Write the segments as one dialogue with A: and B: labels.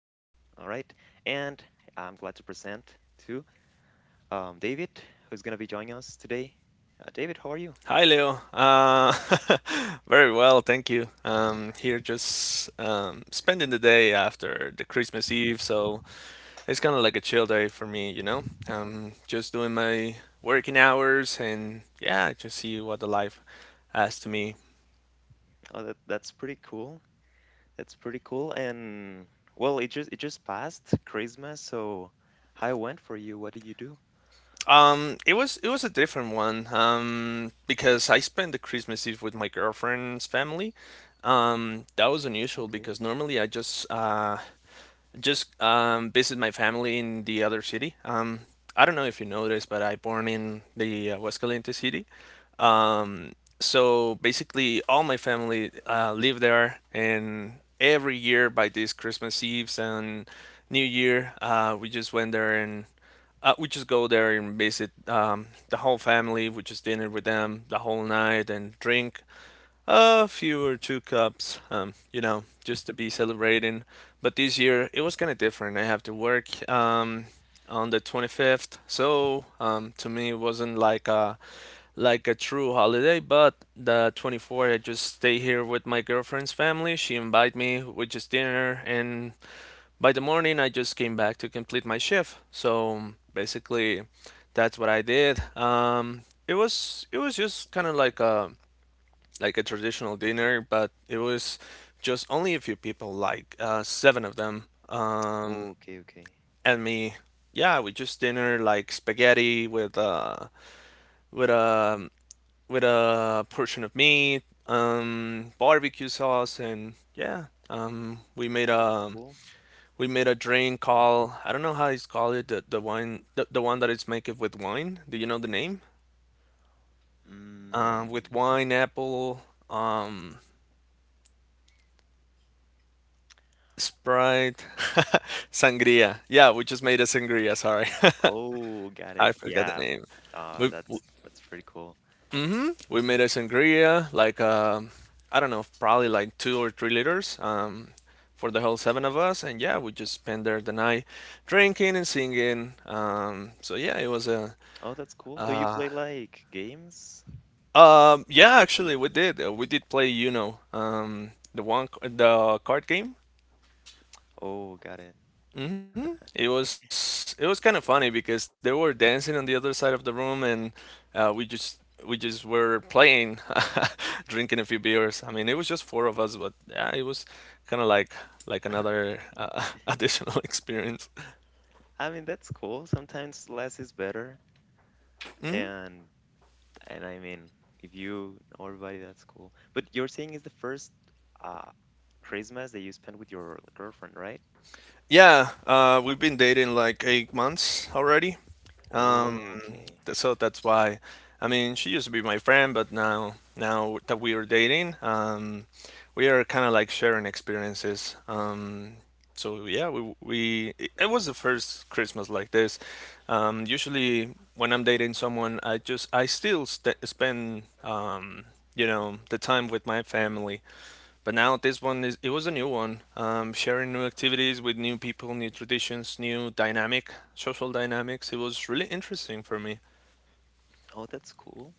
A: I'm glad to present to David, who's going to be joining us today. David, how are you?
B: Hi, Leo. Very well, thank you. Here just spending the day after the Christmas Eve, so it's kind of like a chill day for me, you know? Just doing my working hours and yeah, just see what the life has to me.
A: Oh, that's pretty cool. That's pretty cool. And, well, it just passed Christmas, so how it went for you? What did you do?
B: It was a different one because I spent the Christmas Eve with my girlfriend's family. That was unusual
A: Okay.
B: because normally I just visit my family in the other city. I don't know if you noticed, but I born in the Aguascalientes city. Um, so basically, all my family live there, and every year by these Christmas Eves and New Year, we just went there and we just go there and visit the whole family. We just dinner with them the whole night and drink. A few or two cups, just to be celebrating. But this year it was kind of different. I have to work on the 25th, so to me it wasn't like a true holiday. But the 24th, I just stay here with my girlfriend's family. She invited me, we just dinner, and by the morning I just came back to complete my shift. So basically, that's what I did. It was just kind of like a traditional dinner, but it was just only a few people, like seven of them,
A: Okay, okay.
B: and me. Yeah, we just dinner like spaghetti with with a with a portion of meat, barbecue sauce, and yeah, we made
A: Oh, that's
B: a
A: cool.
B: we made a drink called, I don't know how it's called, it the wine, the one that is made with wine. Do you know the name? With
A: Mm.
B: wine, apple, um. Sprite, sangria. Yeah, we just made a sangria. Sorry,
A: Oh, got it.
B: I forgot the
A: Yeah.
B: name. We
A: That's pretty cool.
B: we made a sangria like I don't know, probably like 2 or 3 liters for the whole seven of us, and yeah, we just spent there the night drinking and singing. So yeah, it was a
A: Oh, that's cool. Do you play like games?
B: yeah, actually we did play Uno, the card game.
A: Oh, got it.
B: It was kind of funny because
A: Mm.
B: they were dancing on the other side of the room and we just were playing, drinking a few beers. I mean, it was just four of us, but yeah, it was kind of like another additional experience.
A: I mean, that's cool. Sometimes less is better, and and I mean, if you know everybody, that's cool. But you're saying it's the first uh Christmas that you spent with your girlfriend, right?
B: Yeah, we've been dating like 8 months already. Um,
A: Oh, okay.
B: so that's why. I mean, she used to be my friend, but now that we are dating, we are kind of like sharing experiences. So yeah, we it it was the first Christmas like this. Usually when I'm dating someone, I just I still st spend the time with my family. But now this one is it was a new one. Sharing new activities with new people, new traditions, new dynamic, social dynamics. It was really interesting for me.
A: Oh, that's cool.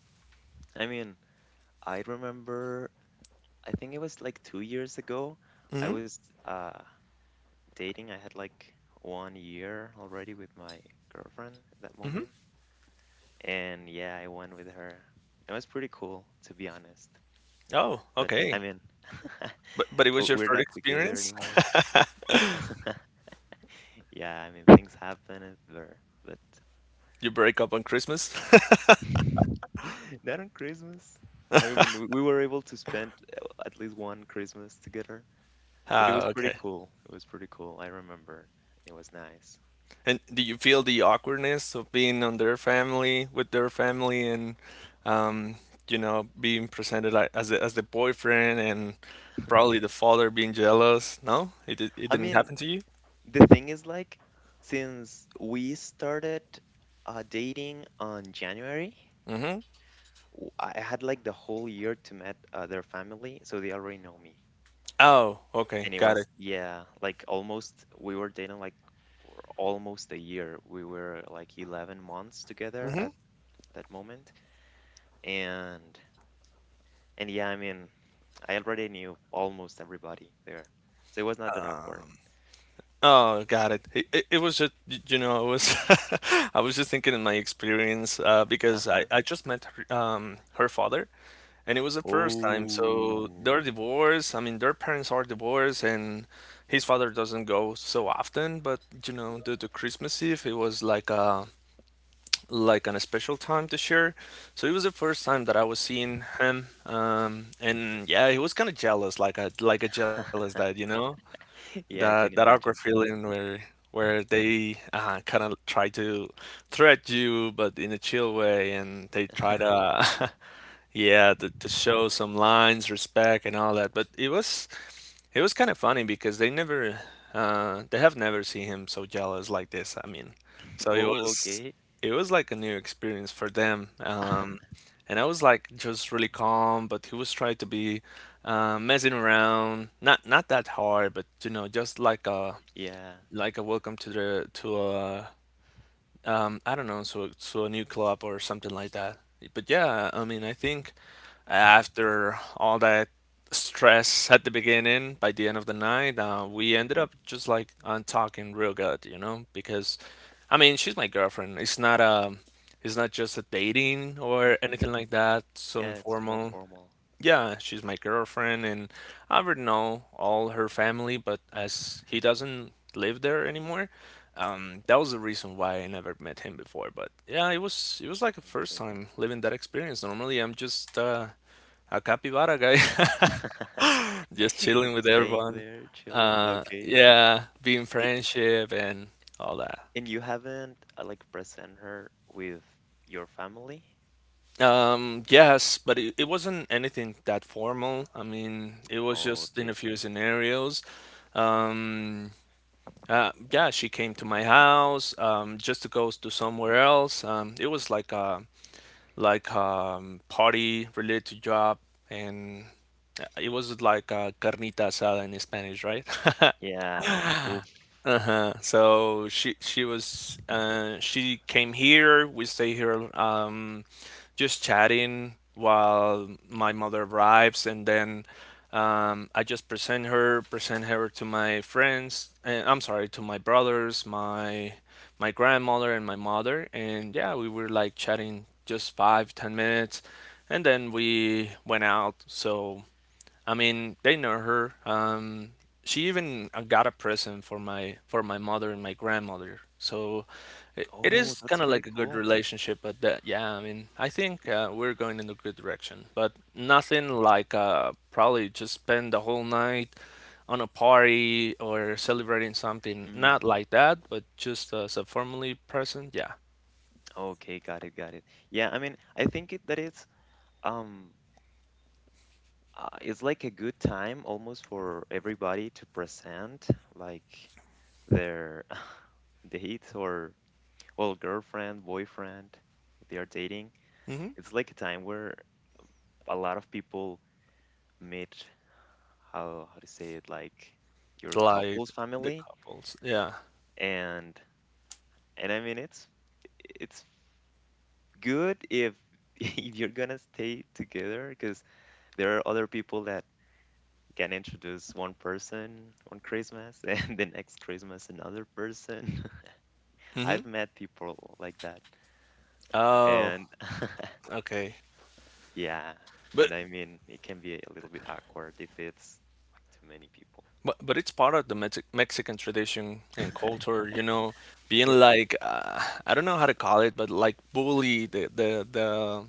A: I mean, I remember. I think it was like 2 years ago. I was uh dating. I had like one year already with my girlfriend at that moment. And yeah, I went with her. It was pretty cool, to be honest.
B: Oh,
A: But I
B: okay.
A: mean,
B: But it was your
A: we're
B: first
A: not together
B: experience?
A: anymore. Yeah, I mean, things happen, and there, but
B: You break up on Christmas?
A: not on Christmas. I mean, when we were able to spend at least one Christmas together, but it was
B: Ah,
A: pretty
B: okay.
A: cool. It was pretty cool. I remember. It was nice.
B: And do you feel the awkwardness of being on their family with their family and um, being presented like as the boyfriend and probably the father being jealous? No? It
A: I
B: didn't
A: mean,
B: happen to you?
A: the thing is, like, since we started dating on January,
B: Mm-hmm.
A: I had like the whole year to meet their family, so they already know me.
B: Oh, okay.
A: And it
B: Got it.
A: was, yeah, like almost, we were dating like for almost a year. We were like 11 months together at that moment. And, and yeah, I mean, I already knew almost everybody there. So it was not that awkward.
B: Oh, got it. It was just, I was just thinking in my experience because I,
A: Uh-huh.
B: I just met her, her father, and it was the first time. So
A: Oh.
B: they're divorced. I mean, their parents are divorced, and his father doesn't go so often. But due to Christmas Eve, it was like a an special time to share. So it was the first time that I was seeing him, and yeah, he was kind of jealous, like a jealous dad.
A: Yeah,
B: That
A: I
B: that
A: can
B: awkward
A: imagine.
B: feeling where they kind of try to threat you, but in a chill way, and they try to yeah to show some lines, respect, and all that. But it was kind of funny because they have never seen him so jealous like this. I mean, so it
A: Oh,
B: was,
A: okay.
B: it was like a new experience for them. Um, and I was like just really calm, but he was trying to be messing around, not that hard, but just like a
A: Yeah.
B: welcome to the to a I don't know, so to a new club or something like that. But yeah, I mean, I think after all that stress at the beginning, by the end of the night, we ended
A: Mhm.
B: up just like on talking real good, because I mean, she's my girlfriend. It's not just a dating or
A: Mhm.
B: anything like that, so
A: Yeah, it's more
B: informal.
A: formal.
B: Yeah, she's my girlfriend, and I already know all her family, but as he doesn't live there anymore, that was the reason why I never met him before. But yeah, it was like a
A: Home
B: first
A: camp.
B: time living that experience. Normally, I'm just a capybara guy, just chilling
A: Like
B: with
A: staying
B: everyone.
A: there, chilling.
B: Uh,
A: Okay.
B: yeah, being
A: Y-
B: friendship and all that.
A: And you haven't like present her with your family?
B: Yes, but it wasn't anything that formal. I mean, it was
A: Oh,
B: just
A: okay,
B: in a few
A: okay.
B: scenarios. Um, yeah, she came to my house just to go to somewhere else. It was like a party related to job, and it was like a carnita asada in Spanish, right?
A: Yeah. Oof.
B: Uh-huh. So she came here, we stay here just chatting while my mother arrives, and then I just present her to my friends, and I'm sorry, to my brothers, my grandmother and my mother, and yeah, we were like chatting just 5, 10 minutes, and then we went out. So I mean, they know her. She even got a present for my mother and my grandmother. So it
A: Oh,
B: is
A: that's
B: kind of
A: pretty
B: like a good
A: cool.
B: relationship. But that, yeah, I mean, I think we're going in a good direction. But nothing like probably just spend the whole night on a party or celebrating something.
A: Mm.
B: Not like that, but just as a family present. Yeah.
A: Okay, got it, got it. Yeah, I mean, I think that um it's like a good time almost for everybody to present like their date or well, girlfriend, boyfriend, if they are dating,
B: hmm
A: it's like a time where a lot of people meet how to say it like your
B: Like
A: couple's
B: the
A: family
B: couples. Yeah.
A: and and I mean it's good if if you're gonna stay together because there are other people that can introduce one person on Christmas and the next Christmas another person.
B: Hmm.
A: I've met people like that
B: Oh,
A: and
B: okay.
A: Yeah, and
B: But
A: I mean, it can be a little bit awkward if it's like too many people.
B: but it's part of the Mexican tradition and culture, being
A: Yeah,
B: like I don't know how to call it, but like bully the the the,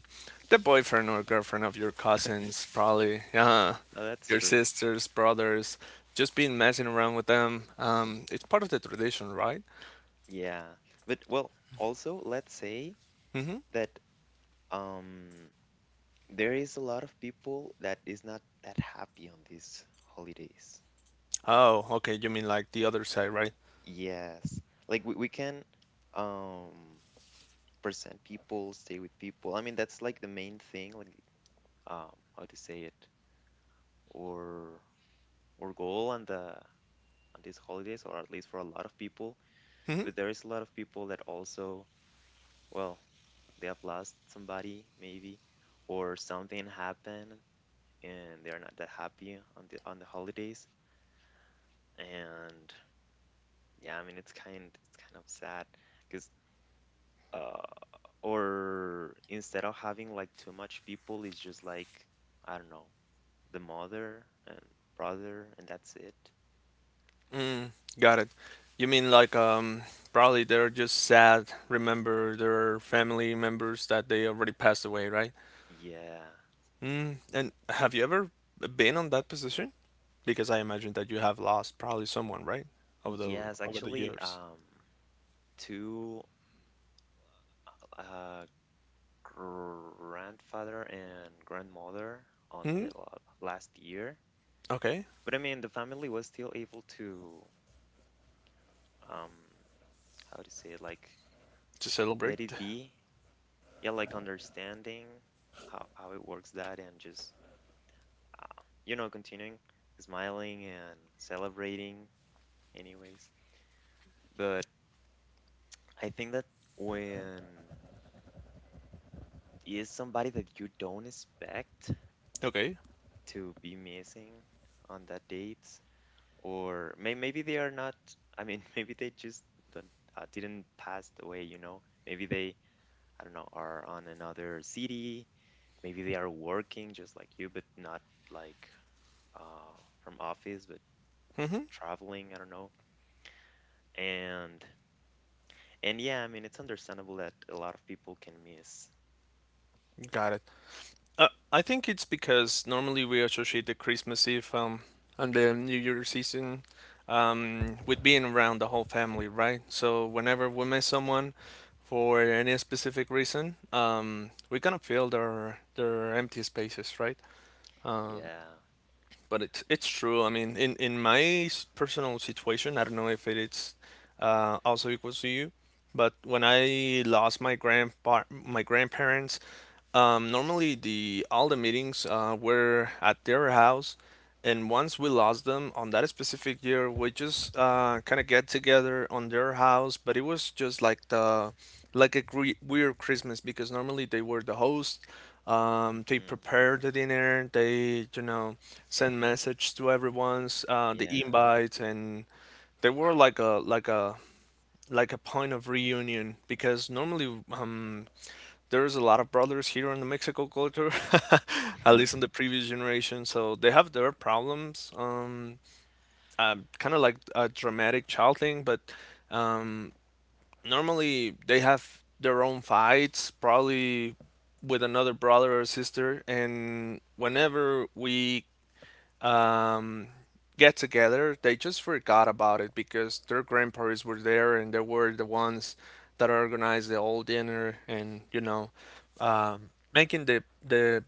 B: the boyfriend or girlfriend of your cousins, probably, yeah,
A: no, that's
B: your
A: true.
B: sisters, brothers, just being messing around with them. It's part of the tradition, right?
A: Yeah, but well, also let's say
B: Mm-hmm.
A: that um there is a lot of people that is not that happy on these holidays.
B: Oh, okay. You mean like the other side, right?
A: Yes, like we can um present people, stay with people. I mean, that's like the main thing, like how to say it, or or goal on these holidays, or at least for a lot of people.
B: Mm-hmm.
A: But there is a lot of people that also, well, they have lost somebody maybe, or something happened and they're not that happy on the holidays. And yeah, I mean it's kind of sad because uh or instead of having like too much people, it's just like I don't know, the mother and brother and that's it.
B: Mm, got it. You mean like probably they're just sad, remember their family members that they already passed away, right?
A: Yeah.
B: And have you ever been on that position? Because I imagine that you have lost probably someone, right? Over the
A: Yes,
B: over the
A: actually,
B: years.
A: two uh, grandfather and grandmother on
B: Hmm.
A: the last year.
B: Okay.
A: But I mean, the family was still able to, um, how to say it, like
B: To
A: let
B: celebrate.
A: it be. Yeah, like understanding how it works that and just, continuing smiling and celebrating, anyways. But I think that when is somebody that you don't expect
B: Okay.
A: to be missing on that date, or maybe they are not, I mean, maybe they just don't, didn't pass away, maybe they, I don't know, are on another city, maybe they are working just like you but not like uh, from office but
B: Mm-hmm.
A: traveling, I don't know. And and yeah, I mean it's understandable that a lot of people can miss.
B: Got it. I think it's because normally we associate the Christmas Eve and the New Year's season with being around the whole family, right? So whenever we miss someone for any specific reason, we kind of fill their empty spaces, right? Uh,
A: Yeah.
B: but it's true. I mean, in my personal situation, I don't know if it's also equals to you, but when I lost my grandparents, normally the all the meetings were at their house, and once we lost them on that specific year, we just kind of get together on their house, but it was just like the like a gre weird Christmas because normally they were the host. They
A: Hmm.
B: prepared the dinner. They, send message to everyone's the
A: Yeah.
B: invite, and they were like a point of reunion because normally there's a lot of brothers here in the Mexico culture, at least in
A: Mhm.
B: the previous generation, so they have their problems, kind of like a dramatic child thing, but um normally they have their own fights, probably with another brother or sister, and whenever we um, get together. They just forgot about it because their grandparents were there and they were the ones that organized the whole dinner and making the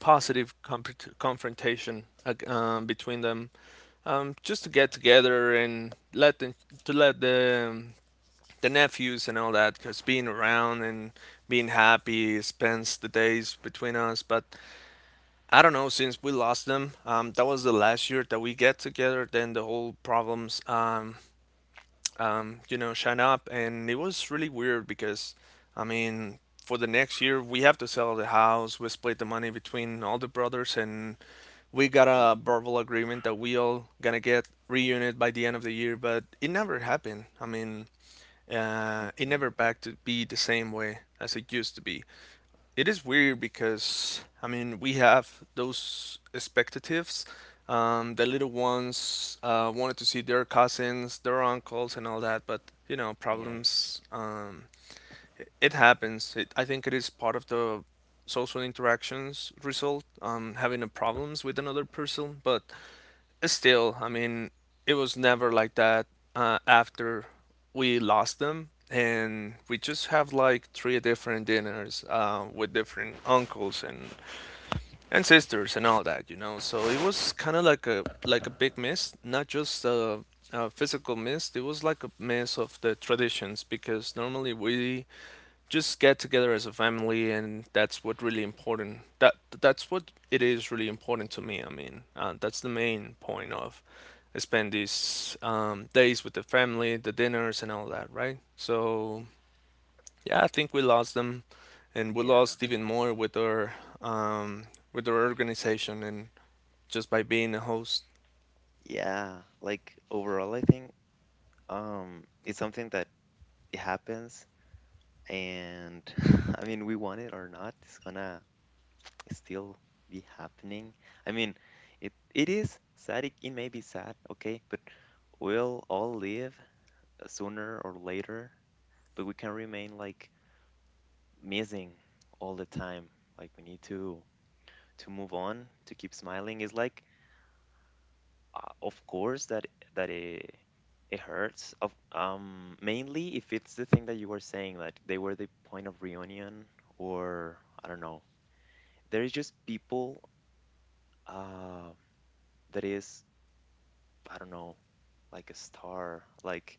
B: positive confrontation between them, just to get together and let the, to let the nephews and all that, because being around and being happy spends the days between us. But I don't know, since we lost them, that was the last year that we get together. Then the whole problems, shine up. And it was really weird because, I mean, for the next year, we have to sell the house. We split the money between all the brothers, and we got
A: Oh,
B: a verbal agreement that we all gonna get reunited by the end of the year, but it never happened. I mean, it never
A: okay.
B: back to be the same way as it used to be. It is weird because I mean we have those expectatives. The little ones wanted to see their cousins, their uncles, and all that, but, you know,
A: Yeah,
B: problems. It happens. I think it is part of the social interactions result. Having a problems with another person, but still, I mean, it was never like that after we lost them. And we just have like three different dinners with different uncles and sisters and all that, you know. So it was kind of like a big miss, not just a physical miss. It was like a miss of the traditions, because normally we just get together as a family, and that's what really important that that's what it is really important to me, I mean, that's the main point of spend these days with the family, the dinners, and all that, right? So, yeah, I think we lost them, and we
A: yeah,
B: lost even more with our um, organization and just by being a host.
A: yeah, like overall I think it's something that it happens. And I mean, we want it or not, it's gonna still be happening. I mean, it is sad. It may be sad, okay, but we'll all live sooner or later. But we can remain like missing all the time. Like we need to move on, to keep smiling. It's like, of course that that it hurts. Of mainly if it's the thing that you were saying, like they were the point of reunion, or I don't know there is just people uh, that is I don't know like a star like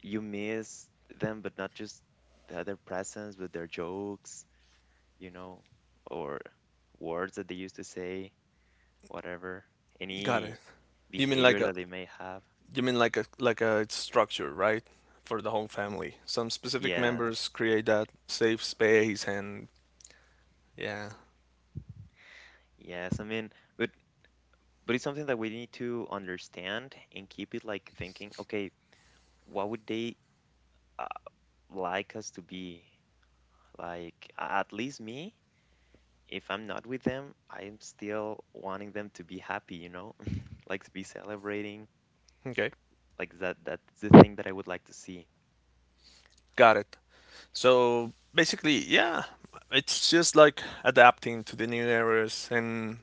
A: you miss them but not just their presence but their jokes, you know or words that they used to say, whatever,
B: Got
A: any
B: it. you mean like
A: behavior
B: a
A: that they may have.
B: You mean like a structure, right? For the whole family. Some specific members
A: Yes.
B: create that safe space, and yeah.
A: Yes, I mean, but but it's something that we need to understand and keep it like thinking, okay, what would they uh, like us to be, like at least me, if I'm not with them, I'm still wanting them to be happy, like to be celebrating.
B: Okay.
A: Like that's the thing that I would like to see.
B: Got it. So basically, yeah, it's just like adapting to the new areas and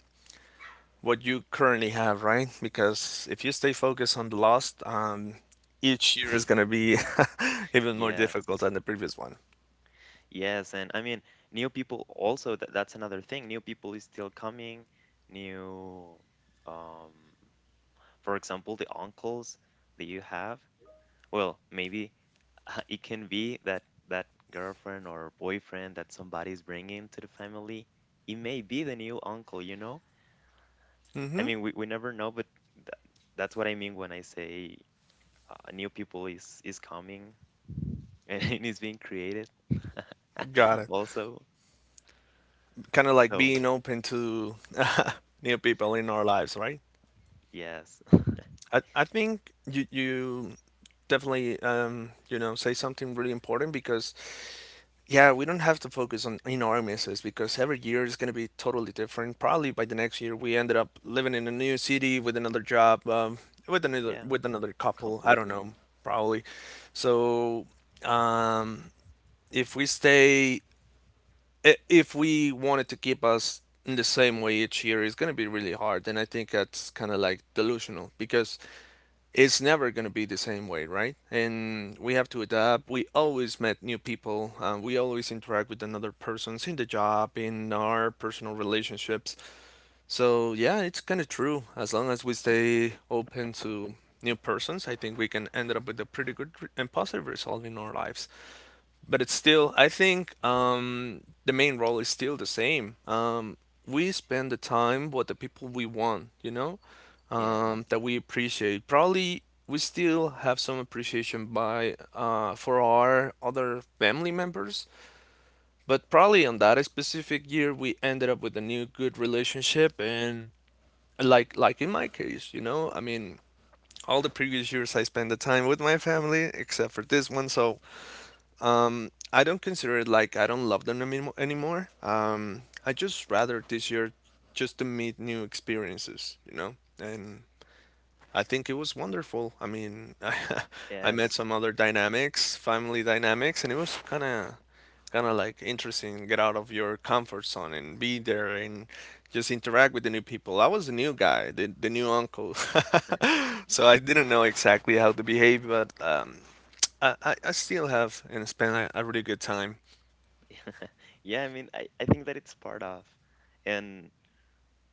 B: what you currently have, right? Because if you stay focused on the lost, each year is gonna be even more difficult
A: Yes.
B: than the previous one.
A: Yes. And I mean, new people also, that's another thing. New people is still coming. New, um, for example, the uncles that you have. Well, maybe it can be that that girlfriend or boyfriend that somebody's bringing to the family. It may be the new uncle, you know? I
B: Hmm.
A: mean, we never know, but tha that's what I mean when I say new people is coming and it is being created
B: Got it.
A: also.
B: Kind of like being
A: So
B: open to new people in our lives, right?
A: yes,
B: I think you definitely say something really important, because, yeah, we don't have to focus on our misses, because every year is going to be totally different. Probably by the next year we ended up living in a new city with another job,
A: yeah,
B: with another couple, I don't
A: completely.
B: know. Probably, so um if we stay if we wanted to keep us in the same way, each year it's going to be really hard, and I think that's kind of like delusional, because it's never going to be the same way, right? And we have to adapt. We always met new people. We always interact with another persons in the job, in our personal relationships. So, yeah, it's kind of true. As long as we stay open to new persons, I think we can end up with a pretty good and positive result in our lives. But it's still I think the main role is still the same. We spend the time with the people we want,
A: Yes,
B: that we appreciate. Probably we still have some appreciation by for our other family members, but probably on that specific year we ended up with a new good relationship. And like in my case, I mean, all the previous years I spent the time with my family except for this one. So, I don't consider it like I don't love them anymore. I just rather this year just to meet new experiences, you know, and I think it was wonderful. I mean, I met
A: yes,
B: some other dynamics, family dynamics, and it was kind of like interesting get out of your comfort zone and be there and just interact with the new people. I was the new guy, the new uncle. So I didn't know exactly how to behave, but I still have and spent a really good time.
A: yeah. I mean, I think that it's part of, and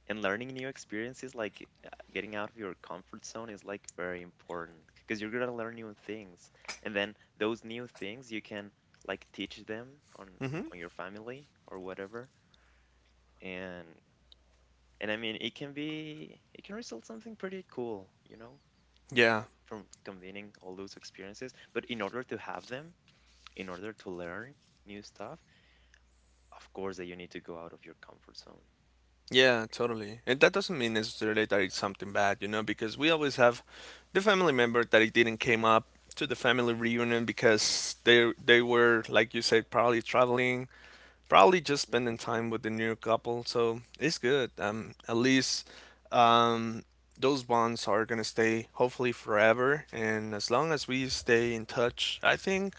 A: and learning new experiences like getting out of your comfort zone is like very important because you're gonna learn new things, and then those new things you can like teach them on your family or whatever. and And I mean, it can result something pretty cool,
B: Yeah.
A: from convening all those experiences. But in order to have them, in order to learn new stuff, of course that you need to go out of your comfort zone.
B: Yeah, totally. And that doesn't mean necessarily that it's something bad, you know, because we always have the family member that it didn't came up to the family reunion, because they were, like you said, probably traveling, probably just spending
A: Mhm.
B: time with the new couple. So it's good. At least um, those bonds are gonna stay hopefully forever. And as long as we stay in touch, I think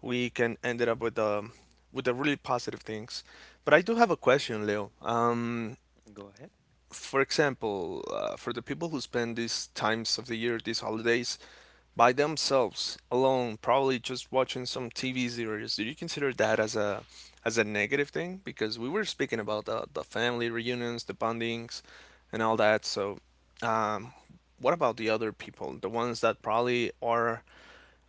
B: we can end it up with the really positive things. But I do have a question, Leo.
A: Go ahead.
B: For example, for the people who spend these times of the year, these holidays, by themselves alone, probably just watching some TV series, do you consider that as a negative thing? Because we were speaking about the family reunions, the bondings, and all that. So, um, what about the other people, the ones that probably are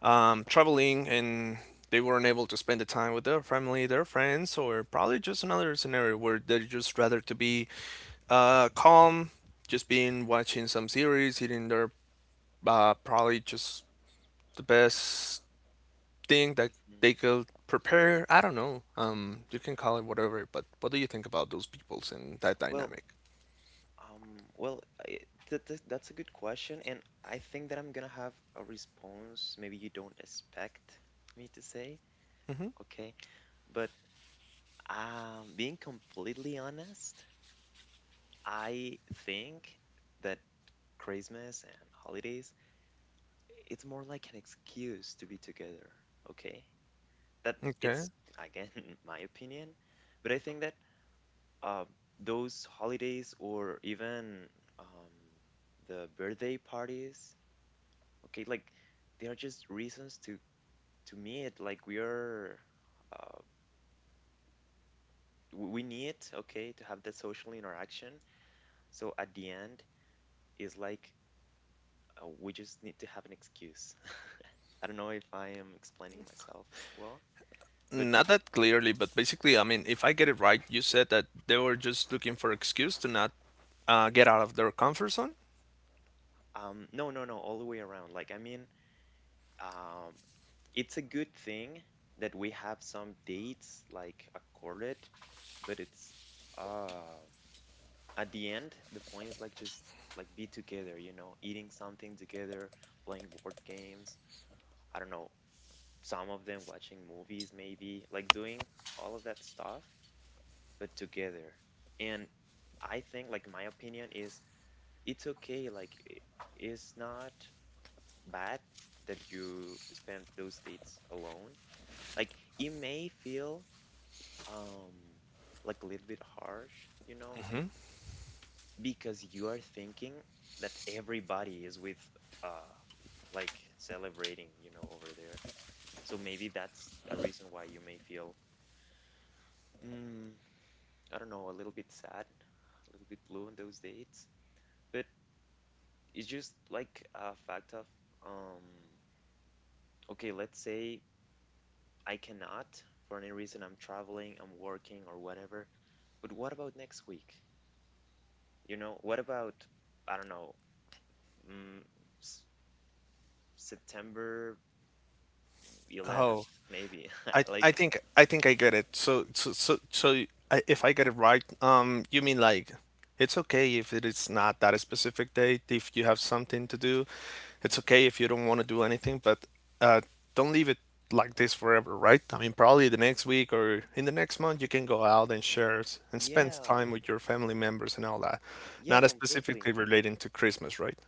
B: traveling, and they weren't able to spend the time with their family, their friends, or probably just another scenario where they just rather to be calm, just being watching some series, eating their probably just the best thing that
A: Mhm.
B: they could prepare. I don't know. You can call it whatever, but what do you think about those peoples and that
A: Well,
B: dynamic?
A: well, I, th th that's a good question, and I think that I'm gonna have a response maybe you don't expect me to say, okay? But being completely honest, I think that Christmas and holidays, it's more like an excuse to be together, okay? That
B: Okay.
A: it's again my opinion, but I think that uh, those holidays or even um, the birthday parties, okay, like they are just reasons to meet. Like we are, uh, we need, okay, to have that social interaction. So at the end is like we just need to have an excuse. I don't know if I am explaining myself well, but
B: Not that clearly, but basically, I mean, if I get it right, you said that they were just looking for excuse to not get out of their comfort zone.
A: no, no, no, all the way around. Like, I mean, um, it's a good thing that we have some dates like accorded, but it's uh, at the end, the point is like just like be together, eating something together, playing board games. I don't know, some of them watching movies, maybe like doing all of that stuff, but together. And I think, like my opinion is, it's okay. Like it's not bad that you spend those dates alone. Like it may feel um like a little bit harsh, you know, because you are thinking that everybody is with uh like celebrating, over there. So maybe that's a reason why you may feel, mm, I don't know, a little bit sad, a little bit blue on those dates. But it's just like a fact of, um okay, let's say I cannot, for any reason, I'm traveling, I'm working or whatever, but what about next week, what about, I don't know, mm, S- September
B: Oh,
A: 11th maybe, like,
B: I think I get it. So if I get it right, you mean like it's okay if it is not that specific date, if you have something to do, it's okay if you don't want to do anything, but uh, don't leave it like this forever, right? I mean, probably the next week or in the next month you can go out and share and spend
A: yeah,
B: time with your family members and all that.
A: yeah,
B: Not specifically
A: completely.
B: relating to Christmas, right?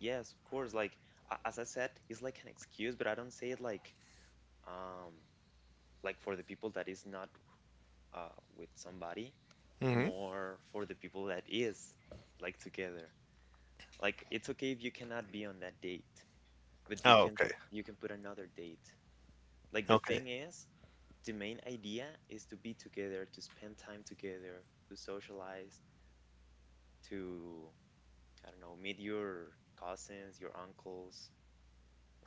A: Yes, of course, like as I said it's like an excuse, but I don't say it um like for the people that is not uh with somebody, more for the people that is like together. Like it's okay if you cannot be on that date, but you
B: Oh,
A: can
B: okay.
A: you can put another date. Like the
B: Okay.
A: thing is, the main idea is to be together, to spend time together, to socialize, to I don't know, meet your cousins, your uncles,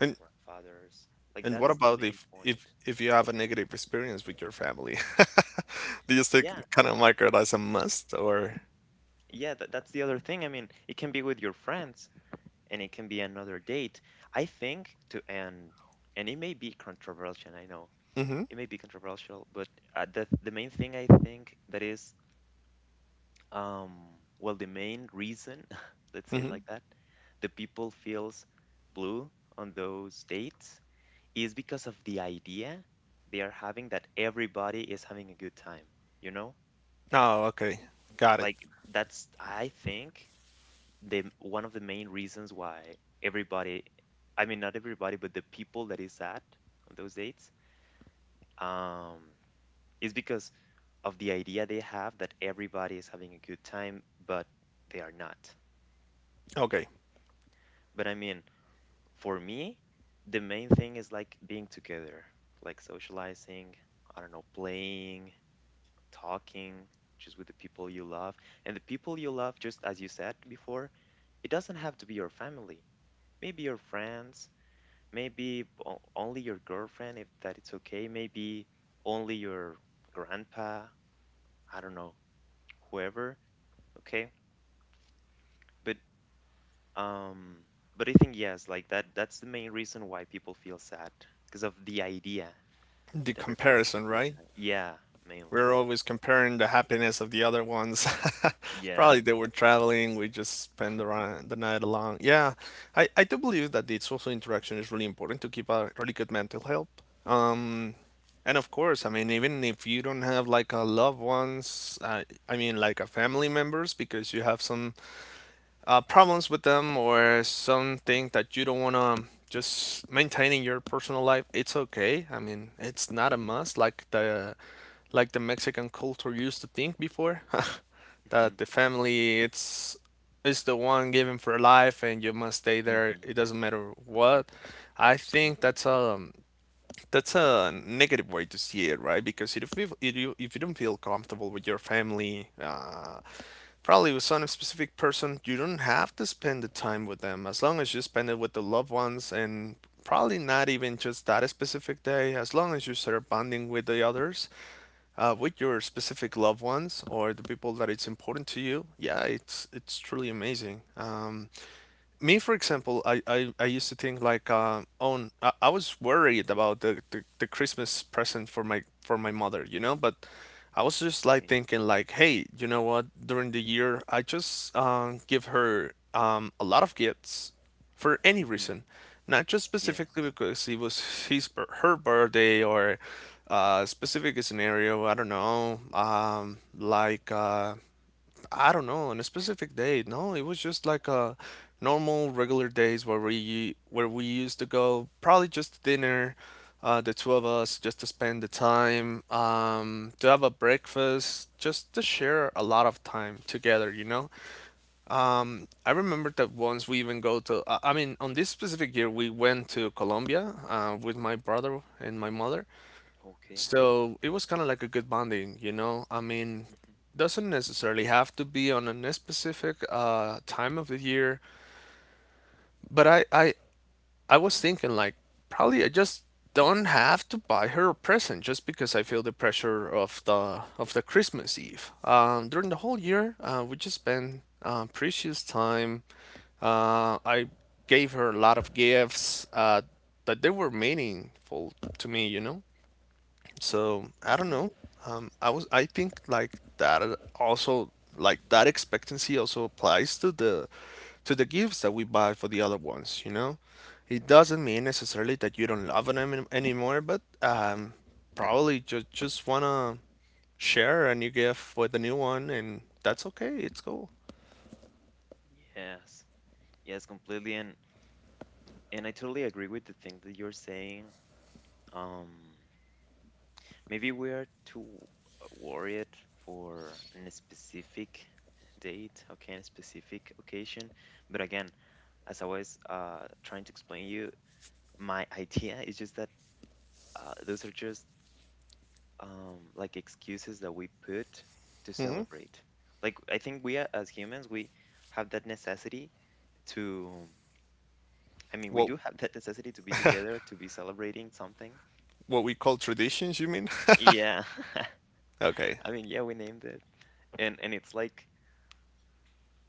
A: your grandfathers. Like
B: What
A: that's the
B: about
A: main
B: if
A: point.
B: you have a negative experience with your family? Do you still
A: Yeah,
B: kind of mark
A: that's
B: it as a must or?
A: that's the other thing. I mean, it can be with your friends. And it can be another date. I think to end, and it may be controversial, I know
B: Mm-hmm.
A: it may be controversial, but the main thing I think that is, well, the main reason, let's say it
B: Mm-hmm.
A: like that, the people feels blue on those dates is because of the idea they are having that everybody is having a good time, you know?
B: Oh, okay. Got it.
A: Like that's I think the one of the main reasons why everybody I mean, not everybody, but the people that is at on those dates, um, is because of the idea they have that everybody is having a good time, but they are not.
B: Okay.
A: But I mean, for me, the main thing is like being together, like socializing, I don't know, playing, talking, just with the people you love. And the people you love, just as you said before, it doesn't have to be your family. Maybe your friends, maybe only your girlfriend, if that it's okay. Maybe only your grandpa. I don't know, whoever. Okay, but um, but I think yes, like that. That's the main reason why people feel sad because of the idea
B: The
A: that everybody's having
B: comparison,
A: a good
B: right?
A: time. Yeah, mainly.
B: We're always comparing the happiness of the other ones. Probably
A: Yes.
B: they were traveling, we just spend the night along. Yeah, I do believe that the social interaction is really important to keep a really good mental health. Um, And of course, I mean, even if you don't have like a loved ones, I mean, like a family members, because you have some problems with them or something that you don't want to just maintaining your personal life, it's okay. I mean, it's not a must, like the Mexican culture used to think before,
A: Mhm.
B: that the family it's is the one given for life, and you must stay there.
A: Mhm.
B: It doesn't matter what. I think
A: Mhm.
B: that's a negative way to see it, right? Because if you don't feel comfortable with your family, probably with some specific person, you don't have to spend the time with them. As long as you spend it with the loved ones, and probably not even just that specific day. As long as you start bonding with the others, with your specific loved ones or the people that it's important to you, yeah, it's truly amazing. Me, for example, I used to think like I was worried about the christmas present for my mother, you know, but I was just like
A: Okay.
B: thinking like, hey, you know what, during the year I just give her a lot of gifts for any
A: Mhm.
B: reason, not just specifically
A: Yes.
B: because it was her birthday or specific scenario. I don't know, on a specific day. No, it was just like a normal, regular days where we used to go, probably just dinner, the two of us, just to spend the time, to have a breakfast, just to share a lot of time together, you know? I remember that once we even go to, I mean, on this specific year, we went to Colombia, with my brother and my mother.
A: Okay.
B: So it was kind of like a good bonding, you know? I mean,
A: Mhm.
B: doesn't necessarily have to be on a specific time of the year, but I was thinking like probably I just don't have to buy her a present just because I feel the pressure of the Christmas Eve. During the whole year, we just spent precious time. I gave her a lot of gifts that they were meaningful to me. So I don't
A: Mhm.
B: know. I think like that also, like that expectancy also applies to the gifts that we buy for the other ones. It doesn't mean necessarily that you don't love them anymore, but probably just wanna share a new gift with a new one, and that's okay. It's cool.
A: Yes. Yes, completely. And I totally agree with the thing that you're saying. Um, Maybe we are too worried for a specific date, okay, and a specific occasion. But again, as I was trying to explain you, my idea is just that those are just like excuses that we put to
B: hmm
A: celebrate. Like I think we are, as humans, we have that necessity to. I mean, we
B: What
A: do have that necessity to be together, to be celebrating something.
B: what we call traditions, you mean?
A: Yeah.
B: Okay.
A: I mean, yeah, we named it. And it's like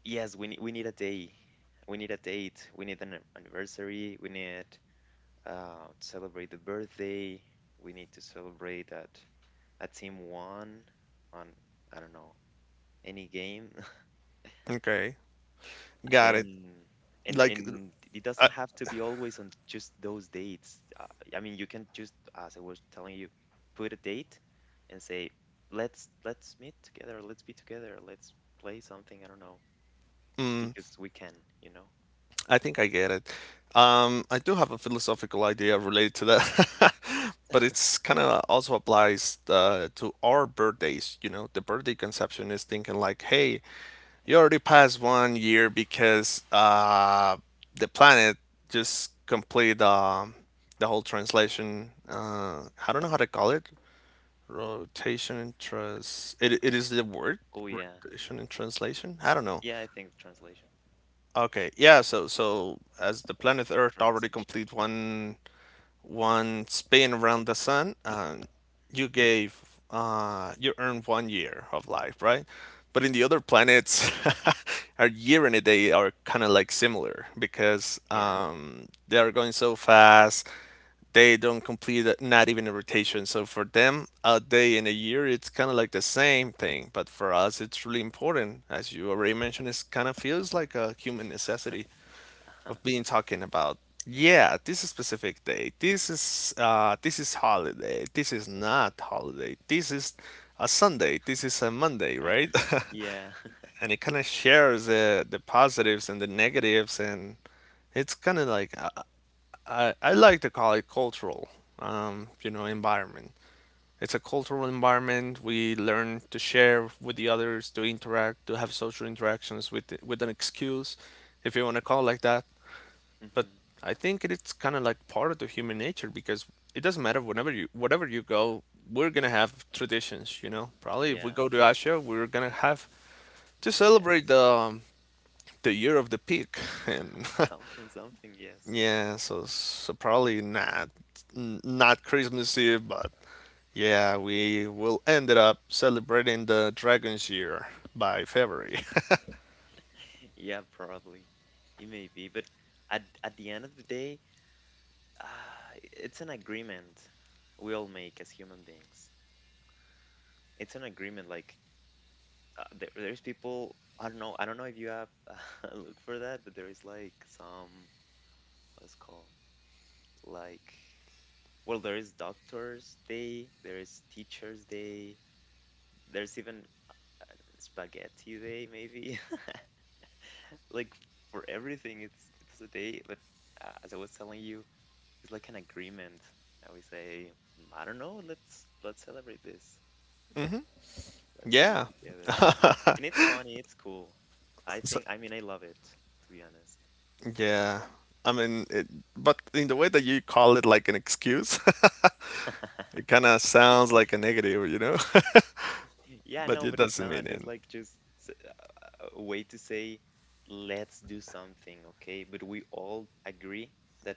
A: yes, we need a day. We need a date. We need an anniversary. We need to celebrate the birthday. We need to celebrate that a team won on I don't know any game.
B: Okay. Got it.
A: And and
B: Like,
A: and it
B: uh,
A: doesn't have to be always on just those dates. I mean, you can just, as I was telling you, put a date and say, let's meet together. Let's be together. Let's play something. I don't know, just because we can, you know.
B: I think I get it. I do have a philosophical idea related to that, but it's kind of also applies to our birthdays. You know, the birthday conception is thinking like, hey, you already passed 1 year because the planet just complete the whole translation. I don't know how to call it. Rotation and trans. It is the word
A: Oh yeah.
B: rotation and translation. I don't know.
A: Yeah, I think the translation,
B: Okay, yeah, so as the planet Earth already
A: transition.
B: complete one spin around the sun, and
A: Mhm.
B: you gave you earned 1 year of life, right? But in the other planets, our year and a day are kind of like similar because
A: Yeah.
B: they are going so fast. They don't not even a rotation. So for them, a day and a year, it's kind of like the same thing. But for us, it's really important. As you already mentioned, it kind of feels like a human necessity
A: Uh-huh.
B: of being talking about, yeah, this is specific day, this is holiday, this is not holiday, this is a Sunday, this is a Monday, right?
A: Yeah.
B: And it kind of shares the positives and the negatives. And it's kind of like I like to call it cultural, you know, environment. It's a cultural environment. We learn to share with the others, to interact, to have social interactions with an excuse, if you want to call it like that. But
A: Hmm.
B: I think it's kind of like part of the human nature because it doesn't matter whenever you whatever you go, we're gonna have traditions, you know. Probably if we
A: Yeah.
B: go to Asia, we're gonna have to
A: Yeah.
B: celebrate the year of the pig, and
A: Something, something, yes.
B: yeah, so probably not Christmas Eve, but yeah, we will ended up celebrating the Dragon's Year by February.
A: Yeah, probably. It may be, but at the end of the day, it's an agreement we all make as human beings. It's an agreement. Like there's people. I don't know. I don't know if you have look for that, but there is like some what's it called like well, there is Doctors Day, there is Teachers Day, there's even spaghetti day, maybe. Like for everything, it's a day. But as I was telling you, it's like an agreement. And we say, "Mm, I don't know, let's celebrate this. Let's be
B: Yeah.
A: together. And it's funny, it's cool. I think,
B: So,
A: I mean, I love it, to be honest.
B: yeah. I mean, it, but in the way that you call it like an excuse. It kind of sounds like a negative, you know,
A: Yeah, no,
B: but it
A: but it's
B: doesn't
A: not.
B: mean
A: It's
B: it.
A: like just a way to say, let's do something, okay? But we all agree that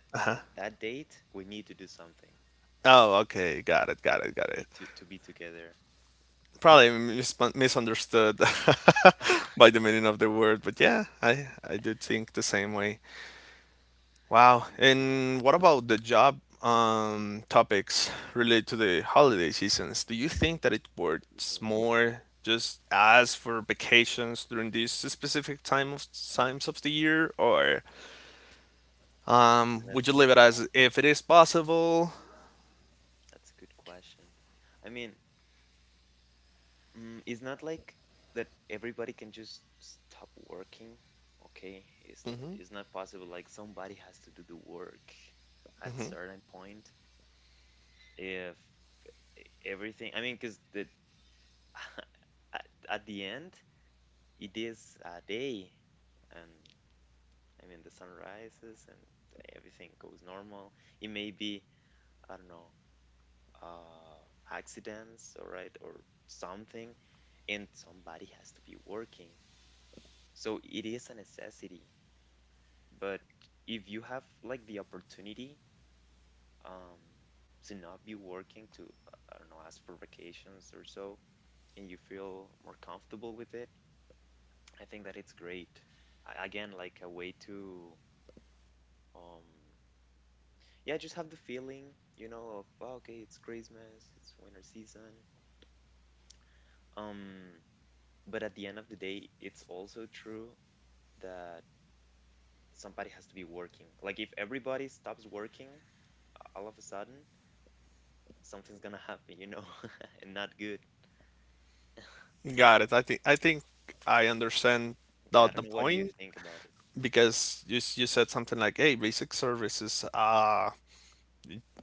A: that date we need to do something.
B: Oh, okay, got it, got it, got
A: Need
B: it.
A: to be together?
B: Probably misunderstood by the meaning of the word, but yeah, I do think the same way. Wow.
A: Mm,
B: And what about the job topics related to the holiday seasons? Do you think that it
A: mm,
B: works more just as for vacations during these specific times of the year, or
A: that's a
B: would you
A: good
B: leave it
A: question.
B: as if it is possible?
A: That's a good question. I mean, mm, it's not like that everybody can just stop working, okay? It's not possible. Like somebody has to do the work at certain point. If everything, I mean, because the at the end it is a day, and I mean the sun rises and everything goes normal. It may be I don't know uh, accidents, all right, or something, and somebody has to be working. So it is a necessity. But if you have like the opportunity um, to not be working, to, I don't know, ask for vacations or so, and you feel more comfortable with it, I think that it's great. Again, like a way to, um, yeah, just have the feeling, you know, of, oh, okay, it's Christmas, it's winter season. Um, but at the end of the day, it's also true that somebody has to be working. Like if everybody stops working, all of a sudden something's gonna happen, you know, and not good.
B: Got it. I think I understand
A: Yeah, I
B: the
A: don't
B: the
A: know what you
B: point
A: think about it.
B: because you said something like, "Hey, basic services."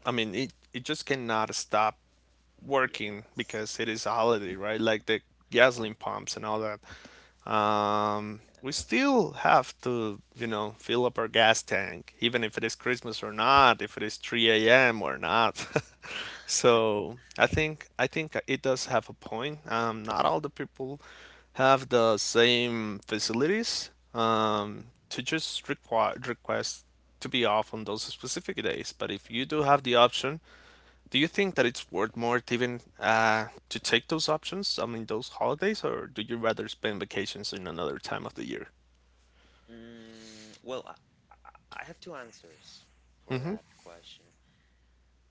B: I mean, it just cannot stop working
A: Yes.
B: because it is a holiday, right? Like the
A: Mhm.
B: gasoline pumps and all that. We
A: Yes.
B: still have to, you know, fill up our gas tank, even if it is Christmas or not, if it is 3 a.m. or not. So I think it does have a point. Not all the people have the same facilities
A: Mhm.
B: to just require request to be off on those specific days. But if you do have the option, do you think that it's worth more to even to take those options? I mean, those holidays, or do you rather spend vacations in another time of the year?
A: Mm, well, I have two answers for that question.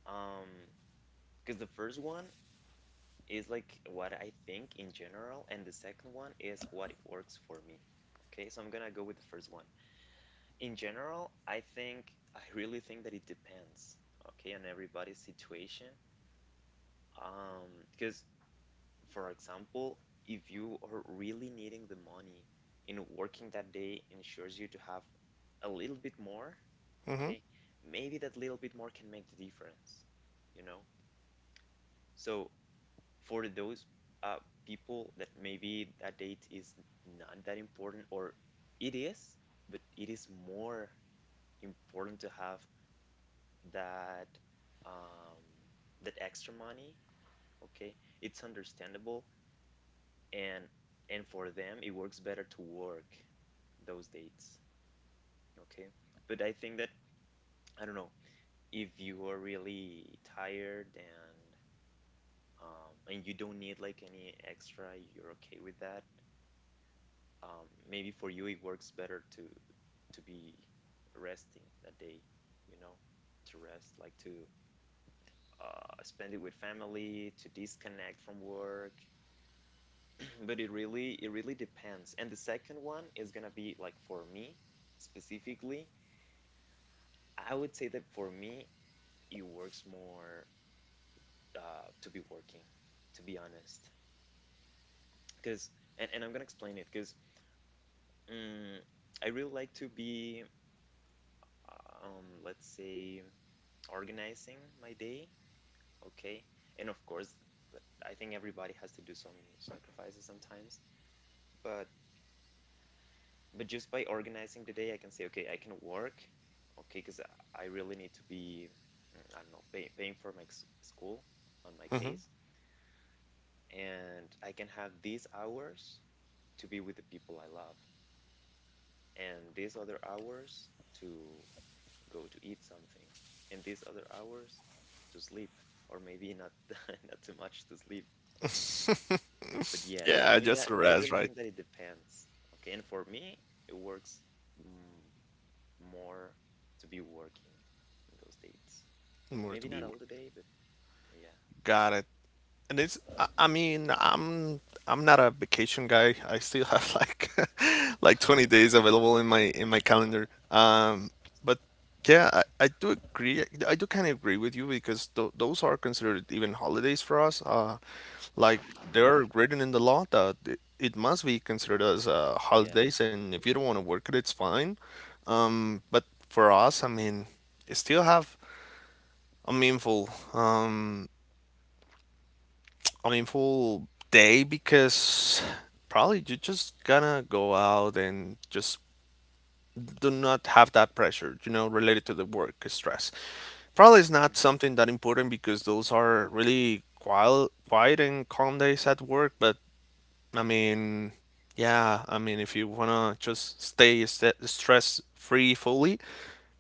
A: Um, because the first one is like what I think in general, and the second one is what works for me. Okay, so I'm gonna go with the first one. In general, I really think that it depends, okay, on everybody's situation. Because for example, if you are really needing the money and working that day ensures you to have a little bit more,
B: Mm-hmm.
A: okay, maybe that little bit more can make the difference, you know? So for those uh, people that maybe that date is not that important or it is, but it is more important to have that um, that extra money, okay, it's understandable and for them it works better to work those dates, okay? But I think that I don't know if you are really tired and you don't need like any extra, you're okay with that. Maybe for you it works better to be resting that day, you know, to rest, like to spend it with family, to disconnect from work, but it really depends. And the second one is gonna be like for me specifically, I would say that for me it works more to be working, to be honest. Because and I'm gonna explain it because um, I really like to be let's say organizing my day, okay? And of course, I think everybody has to do some sacrifices sometimes, but just by organizing the day, I can say, okay, I can work, okay, because I really need to be, mm, I don't know, paying for my school on my
B: Mm-hmm.
A: case, and I can have these hours to be with the people I love, and these other hours to go to eat something, and these other hours to sleep, or maybe not not too much to sleep. But yes, I
B: Yeah,
A: mean that
B: just the
A: I
B: rest,
A: really
B: right?
A: think that it depends, okay, and for me, it works. Mm, more to be working in those dates.
B: More
A: Maybe
B: to
A: not
B: be.
A: all
B: Worth.
A: the day, but yeah,
B: Got it. And it's, I mean, I'm not a vacation guy. I still have like like 20 days available in my calendar. But yeah, I do agree. I do kind of agree with you because th those are considered even holidays for us. Like they are written in the law that it must be considered as
A: yeah,
B: holidays, and if you don't want to work it, it's fine. But for us, I mean, it still have a meaningful um meaningful day because probably you just gonna go out and just do not have that pressure, you know, related to the work stress. Probably it's not something that important because those are really quiet and calm days at work. But I mean, yeah, I mean, if you wanna just stay stress free fully,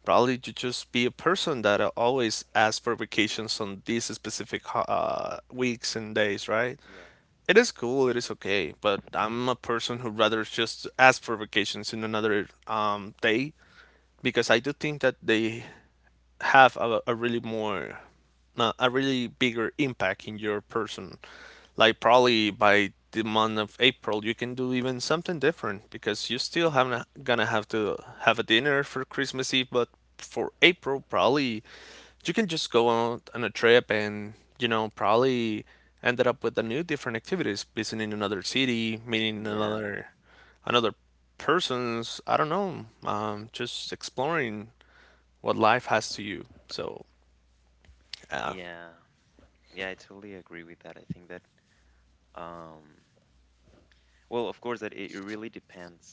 B: probably to just be a person that always asks for vacations on these specific weeks and days, right?
A: yeah,
B: It is cool, it is okay, but I'm a person who rather just ask for vacations in another day because I do think that they have a really more a really bigger impact in your person, like probably by the month of April you can do even something different because you still haven't gonna have to have a dinner for Christmas Eve, but for April probably you can just go out on a trip and, you know, probably ended up with a new different activities, visiting another city, meeting
A: yeah,
B: another persons, I don't know, just exploring what life has to you. So yeah.
A: yeah, yeah. I totally agree with that. I think that, um, well, of course, that it really depends.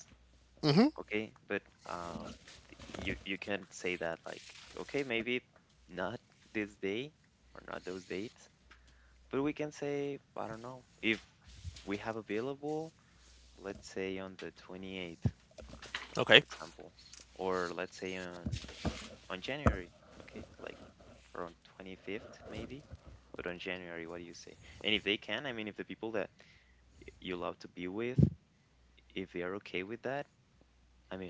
A: Okay, but um, you you can't say that like, okay, maybe not this day or not those dates, but we can say, I don't know, if we have available, let's say on the 28th, for
B: Okay,
A: example, or let's say on January, okay, like around 25th maybe, but on January, what do you say? And if they can, I mean, if the people that you love to be with, if they are okay with that, I mean,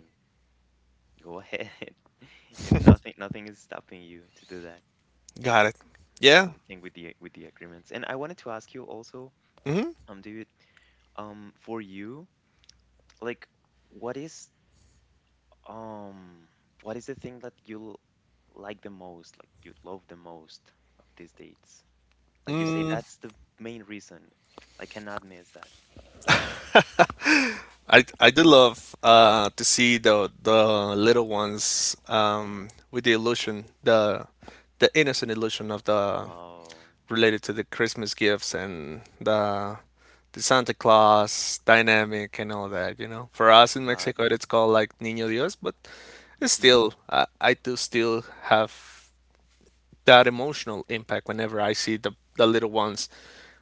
A: go ahead. You know, nothing is stopping you to do that.
B: got it.
A: That's
B: Yeah.
A: the thing with the agreements. And I wanted to ask you also, David, for you, like, what is um, what is the thing that you like the most, like you love the most of these dates? Like you say, that's the main reason. I cannot miss that.
B: I do love to see the little ones with the illusion, the innocent illusion of the,
A: Oh,
B: related to the Christmas gifts and the Santa Claus dynamic and all that. You know, for us in Mexico
A: that's
B: it's called like Niño Dios, but it's
A: hmm
B: still, I do still have that emotional impact whenever I see the little ones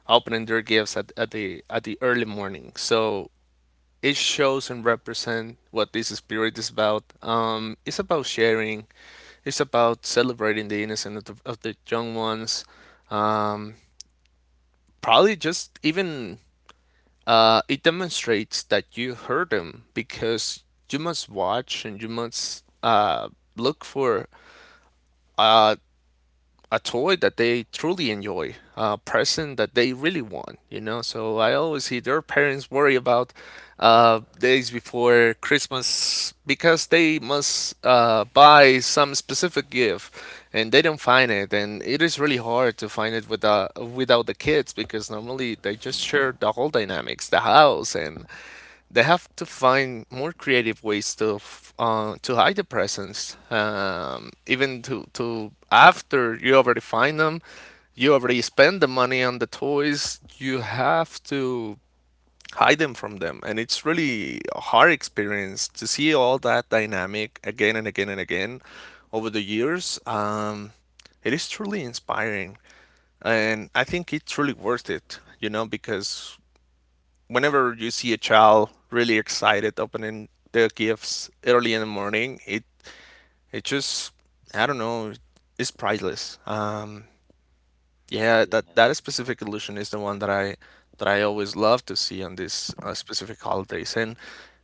B: opening their gifts at the early morning. So it shows and represent what this spirit is about. It's about sharing. It's about celebrating the innocence of of the young ones. Um, Probably just even it demonstrates that you heard them because you must watch and you must look for uh, a toy that they truly enjoy, a present that they really want, you know. So I always see their parents worry about days before Christmas because they must buy some specific gift and they don't find it. And it is really hard to find it without the kids because normally they just
A: hmm
B: share the whole dynamics, the house, and they have to find more creative ways to to hide the presence. Even to after you already find them, you already spend the money on the toys. You have to hide them from them, and it's really a hard experience to see all that dynamic again and again and again over the years. It is truly inspiring, and I think it's really worth it. You know, because whenever you see a child really excited opening their gifts early in the morning, it just, I don't know, it's priceless. Yeah,
A: yes,
B: that specific illusion is the one that I always love to see on these specific holidays, and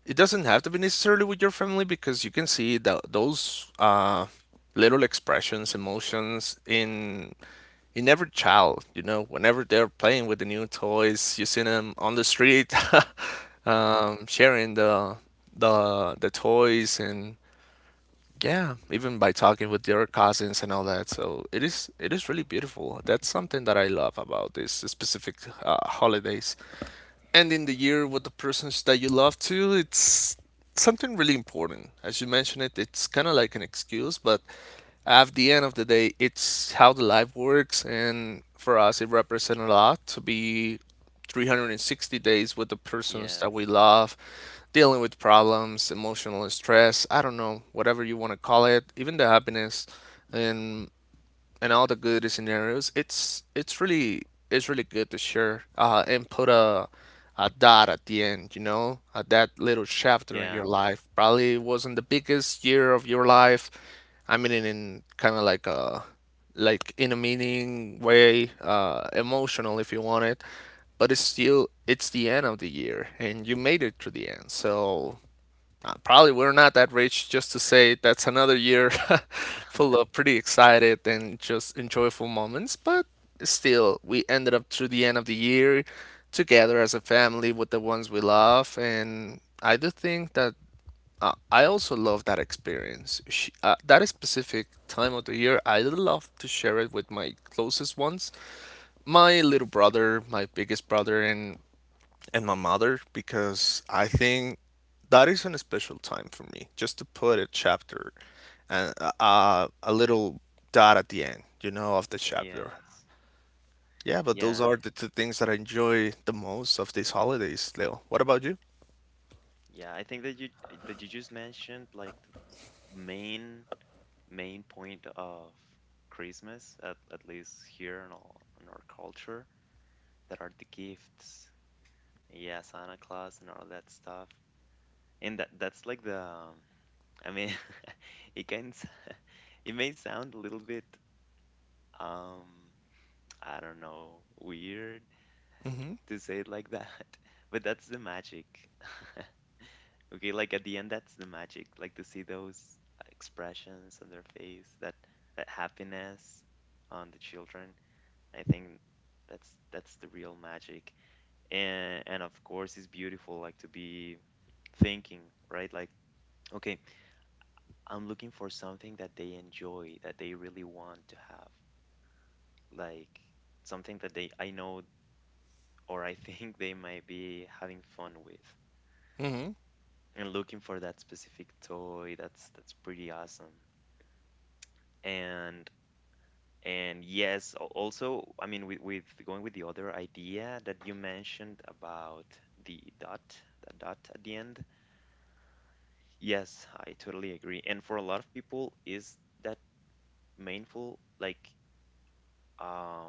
B: it doesn't have to be necessarily with your family because you can see that those little expressions, emotions in every child. You know, whenever they're playing with the new toys, you see them on the street,
A: hmm
B: sharing the toys and yeah, even by talking with your cousins and all that. So it is really beautiful. That's something that I love about these specific holidays, ending the year with the persons that you love too. It's something really important. As you mentioned it, it's kind of like an excuse, but at the end of the day, it's how the life works. And for us, it represents a lot to be 360 days with the persons that
A: yes,
B: we love, dealing with problems, emotional stress, I don't know, whatever you want to call it, even the happiness. And and all the good scenarios. It's really good to share and put a dot at the end, you know, at that little chapter in
A: yeah,
B: your life. Probably wasn't the biggest year of your life. I mean, in kind of like a, like in a meaning way, emotional if you want it, but it's still, it's the end of the year, and you made it to the end. Probably we're not that rich just to say that's another year full of pretty excited and just enjoyable moments, but still, we ended up through the end of the year together as a family with the ones we love, and I do think that I also love that experience. Sh That specific time of the year, I do love to share it with my closest ones, my little brother, my biggest brother, and my mother because I think that is a special time for me just to put a chapter and a little dot at the end of the chapter.
A: yes,
B: Yeah, but those
A: yeah,
B: are the two things that I enjoy the most of these holidays, Leo. What about you?
A: yeah. I think that you just mentioned like the main point of Christmas, at least here in our culture, that are the gifts. Yeah, Santa Claus and all that stuff. And that that's like the, I mean, it can. It may sound a little bit, um, I don't know, weird
B: Mm-hmm.
A: to say it like that, but that's the magic. Okay, like at the end, that's the magic. Like to see those expressions on their face, that happiness on the children. I think that's the real magic. And of course, it's beautiful like to be thinking, right? Like, okay, I'm looking for something that they enjoy, that they really want to have. Like something that they I know or I think they might be having fun with
B: Mm-hmm.
A: and looking for that specific toy. That's pretty awesome. And yes, also, I mean, with going with the other idea that you mentioned about the dot, the dot at the end. Yes, I totally agree. And for a lot of people, is that mindful? Like um,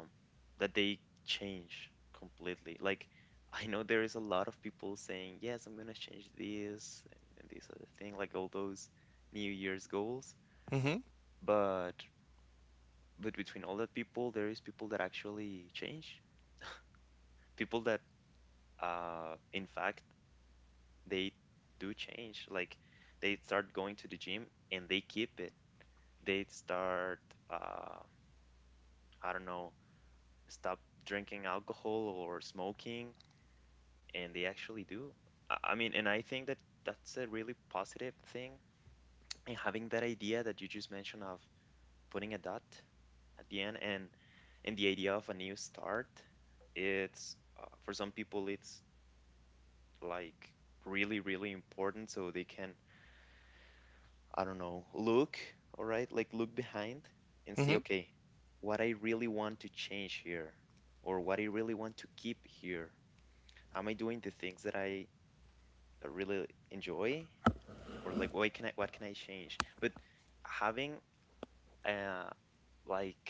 A: that they change completely. Like, I know there is a lot of people saying, "Yes, I'm gonna change this and this other thing," like all those New Year's goals.
B: Mm-hmm.
A: But but between all that people, there is people that actually change. People that, in fact, they do change. Like, they start going to the gym and they keep it. They start, uh, I don't know, stop drinking alcohol or smoking, and they actually do. I mean, and I think that that's a really positive thing. And having that idea that you just mentioned of putting a dot at the end, and the idea of a new start, it's for some people it's like really, really important so they can, I don't know, look, all right, like, look behind and see,
B: Mm-hmm.
A: okay, what I really want to change here or what I really want to keep here. Am I doing the things that I really enjoy, or like, what can I, what can I change? But having uh like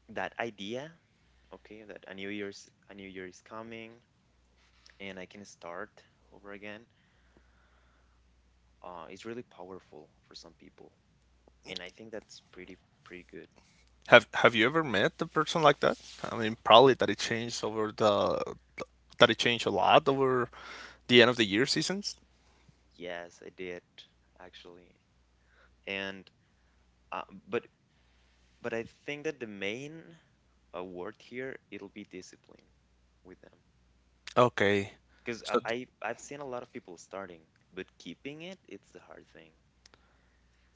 A: that idea, okay, that a new year is coming and I can start over again, is really powerful for some people, and I think that's pretty good.
B: Have you ever met a person like that? I mean, probably that it changed over the that it changed a lot over the end of the year seasons.
A: Yes, I did actually, and uh, but but I think that the main word here it'll be discipline with them,
B: Okay.
A: because I,
B: So
A: I I've seen a lot of people starting, but keeping it, it's the hard thing.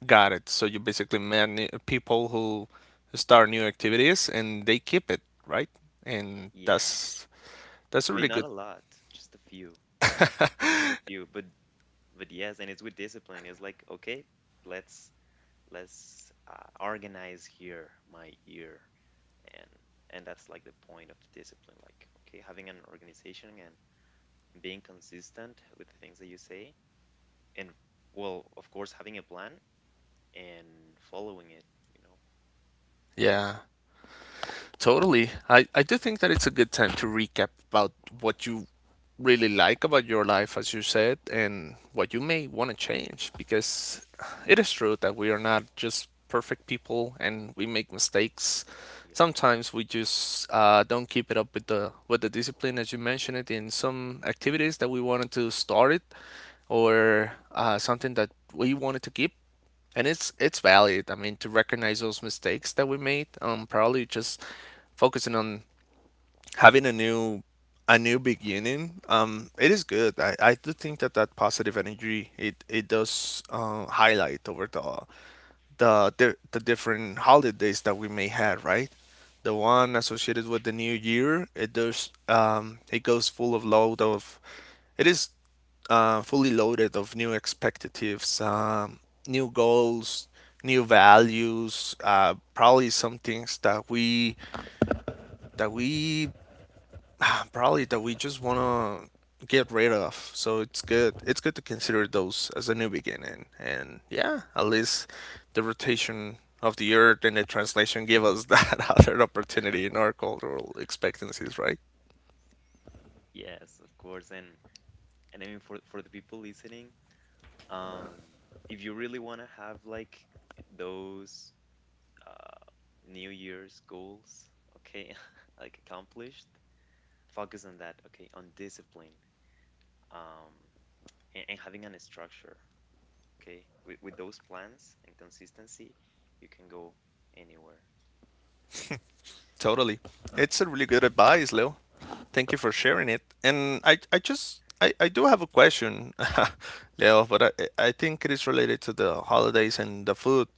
B: got it. So you basically met new people who start new activities and they keep it, right? And
A: Yeah.
B: that's
A: I
B: that's
A: mean,
B: really
A: not a
B: good.
A: lot, just a few, a really few. But yes, and it's with discipline. It's like, okay, let's let's organize here my year, and and that's like the point of the discipline. Like, okay, having an organization and being consistent with the things that you say, and, well, of course, having a plan and following it. You know,
B: Yeah. Totally. I do think that it's a good time to recap about what you really like about your life, as you said, and what you may want to change, because it is true that we are not just perfect people and we make mistakes.
A: yeah,
B: Sometimes we just don't keep it up with the discipline, as you mentioned it, in some activities that we wanted to start it, or something that we wanted to keep and it's valid. I mean, to recognize those mistakes that we made, probably just focusing on having a new beginning. It is good. I do think that that positive energy it does highlight over the the different holidays that we may have, right? The
A: yeah,
B: one associated with the new year, it does it goes full of load of it is fully loaded of new expectatives, new goals, new values. Probably some things that we probably that we just wanna get rid of. So it's good. It's good to
A: yeah.
B: consider those as a new beginning. And yeah, at least the rotation of the earth and the translation give us that other opportunity in our cultural expectancies, right?
A: Yes, of course. And I mean, for the people listening, Um, if you really want to have like those uh, New Year's goals, okay, like, accomplished, focus on that, okay, on discipline, um, and having an structure, okay, with, those plans and consistency, you can go anywhere.
B: Totally. It's a really good advice, Leo. Thank you for sharing it. And I do have a question, Leo, but I think it is related to the holidays and the food.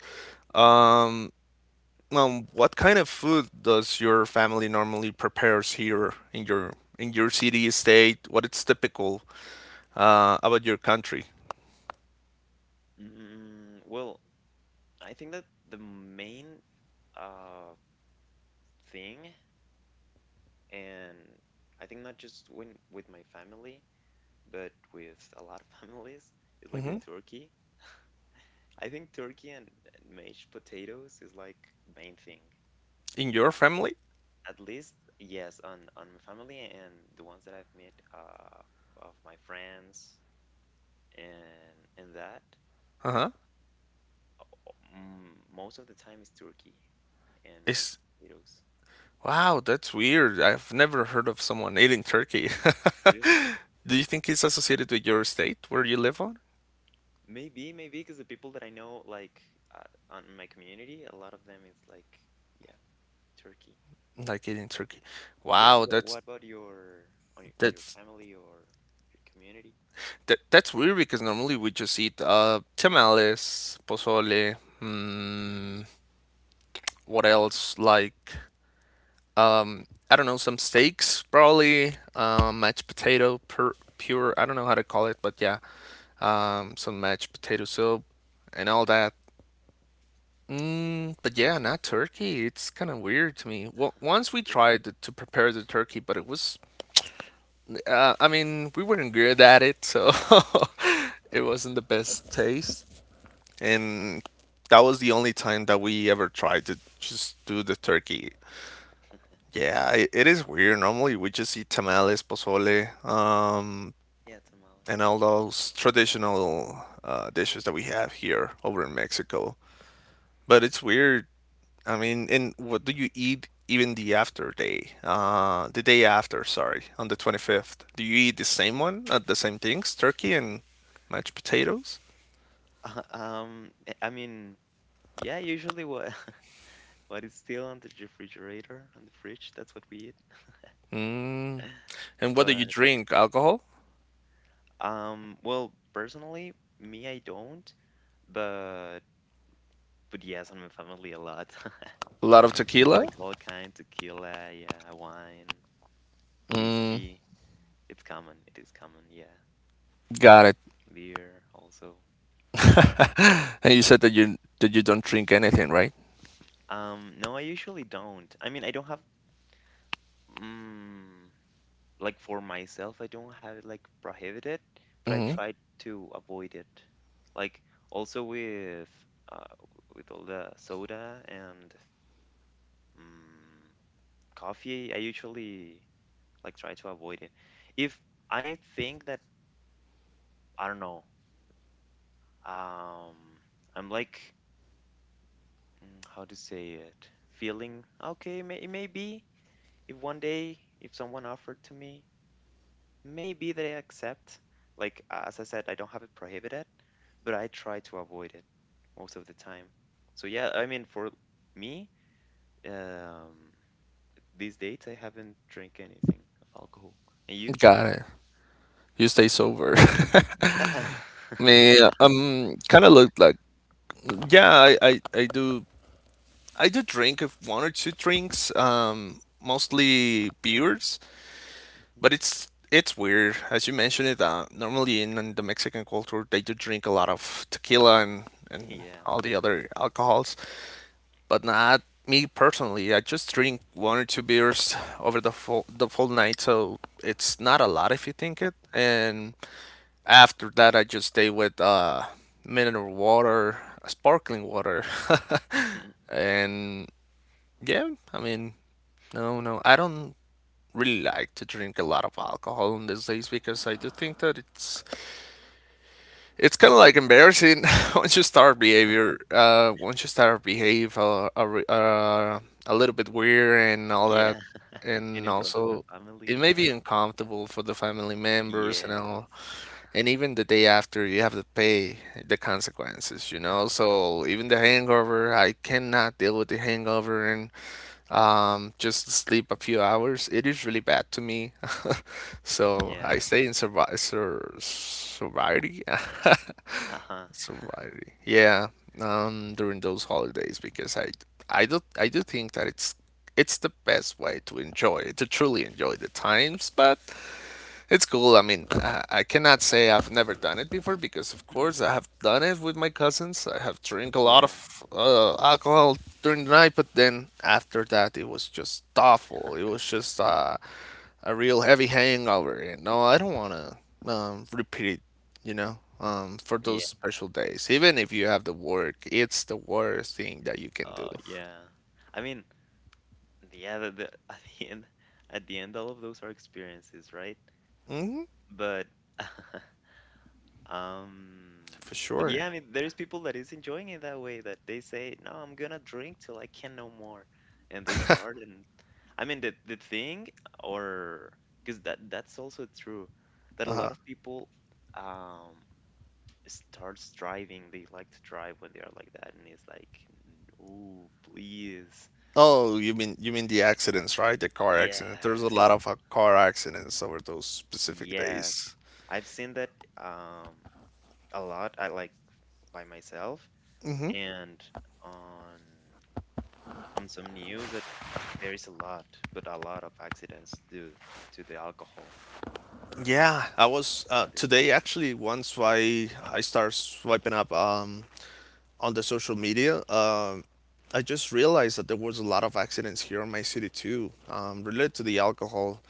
B: What kind of food does your family normally prepares here in your city, state? What is typical about your country?
A: Mm, well, I think that the main uh, thing, and I think not just when with my family, but with a lot of families, is like the
B: Hmm.
A: turkey. I think turkey and mashed potatoes is like main thing.
B: In your family?
A: At least, yes, on my family and the ones that I've met of my friends and that,
B: Uh-huh.
A: mm, most of the time is turkey and mashed
B: Is
A: potatoes.
B: Wow, that's weird. I've never heard of someone eating turkey.
A: Really?
B: Do you think it's associated with your state where you live on?
A: Maybe, maybe because the people that I know, like, uh, on my community, a lot of them is like, yeah, turkey.
B: Like in Turkey.
A: Yes.
B: Wow,
A: What about your, on your
B: that's
A: family or your community?
B: that, that's weird because normally we just eat tamales, pozole, mm, what else? Like um I don't know, some steaks probably, mashed potato per
A: Mhm.
B: pure, I don't know how to call it, but yeah. Um, some mashed potato soup and all that. Mm, but yeah, not turkey. It's kind of weird to me. Well, once we
A: Really?
B: tried to prepare the turkey, but it was I mean, we weren't good at it, so it wasn't the best taste. And that was the only time that we ever tried to just do the turkey. Yeah, it is weird. Normally, we just eat tamales, pozole,
A: Yeah, tamales.
B: and all those traditional dishes that we have here over in Mexico. But it's weird. I mean, and what do you eat even the after day? The day after, sorry, on the 25th. Do you eat the same one, the same things, turkey and mashed potatoes?
A: I mean, yeah, usually what, what is still on the refrigerator, on the fridge, that's what we eat.
B: Mm. And what do
A: But
B: you drink? Alcohol?
A: well, personally, me, I don't. But but yes, on my family a lot,
B: A lot of
A: like
B: tequila?
A: all kind, tequila, yeah, wine, whiskey. It's common. It is common. Yeah,
B: Got it.
A: beer also.
B: And you said that you don't drink anything, right?
A: No, I usually don't. I mean, I don't have. Mm, like for myself, I don't have it like prohibited, but I
B: Hmm.
A: try to avoid it. Like also uh, with all the soda and mm coffee, I usually like try to avoid it. If I think that I don't know, um, I'm like, mm, how to say it, feeling okay, may, it may be if one day if someone offered to me, maybe they accept. Like, as I said, I don't have it prohibited, but I try to avoid it most of the time. So yeah, I mean, for me, um, these dates I haven't drank anything of alcohol. And you?
B: Got it. You stay sober. Me,
A: Yeah.
B: kind of look like. Yeah, I do drink one or two drinks, mostly beers,
A: Mhm.
B: but it's weird. As you mentioned it, normally in the Mexican culture, they do drink a lot of tequila and
A: Yeah.
B: all the other alcohols, but not me personally. I just drink one or two beers over the full night, so it's not a lot if you think it. And after that, I just stay with mineral water, sparkling water,
A: Mhm,
B: and yeah, I mean, no, I don't really like to drink a lot of alcohol on these days because I
A: mhm.
B: do think that it's kind of like embarrassing once you start behavior, once you start behave a little bit weird and all
A: Yeah.
B: that,
A: And in
B: and
A: front of the
B: also
A: family and
B: it may
A: that.
B: be uncomfortable for the family members and all,
A: Yes.
B: and even the day after you have to pay the consequences, you know. So even the hangover, I cannot deal with the hangover and just sleep a few hours. It is really bad to me. So
A: Yeah.
B: I stay in survi sur sobriety.
A: Uh-huh.
B: Sobriety. Yeah, during those holidays because I do think that it's the best way to enjoy to truly enjoy the times, but it's cool. I mean, I cannot say I've never done it before because, of course, I have done it with my cousins. I have drink a
A: Yeah.
B: lot of alcohol during the night, but then after that, it was just awful. It was just a real heavy hangover. And no, I don't want to repeat it, you know, for
A: Yeah.
B: those special days. Even if you have the work, it's the worst thing that you can
A: Oh,
B: do,
A: yeah. I mean, yeah, at the end, all of those are experiences, right? But, um,
B: for
A: but yeah, I
B: sure.
A: mean, there's people that is enjoying it that way, that they say, no, I'm gonna drink till I can no more, and they start, and I mean, the thing, or because that that's also true, that a lot of people, um, starts driving. They like to drive when they are like that, and it's like, no, please,
B: Oh, you mean the accidents, right? The car accident. There's a
A: yes.
B: lot of car accidents over those specific
A: Yes.
B: days.
A: I've seen that um a lot. I like, by myself and on some news that there is a lot, but a lot of accidents due to the alcohol
B: Yeah, I was
A: on this body.
B: today actually. Once I start swiping up on the social media, I just realized that there was a lot of accidents here in my city too, related to the alcohol,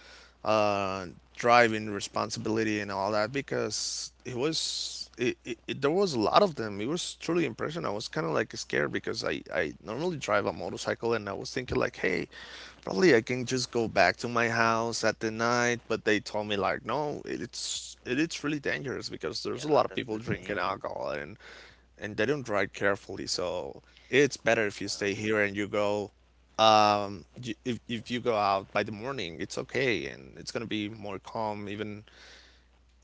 B: uh, driving responsibility and all that because it was it, it, it there was a lot of them. It was truly impressive. I was kind of like scared because I normally drive a motorcycle and I was thinking like, hey, probably I can just go back to my house at the night, but they told me like, no, it's really dangerous because
A: Yeah,
B: there's a lot of
A: that's the
B: people
A: thing.
B: drinking alcohol and they don't ride carefully. So it's better if you
A: Uh,
B: stay here and you go. Y- if you go out by the morning, it's okay, and it's gonna be more calm. Even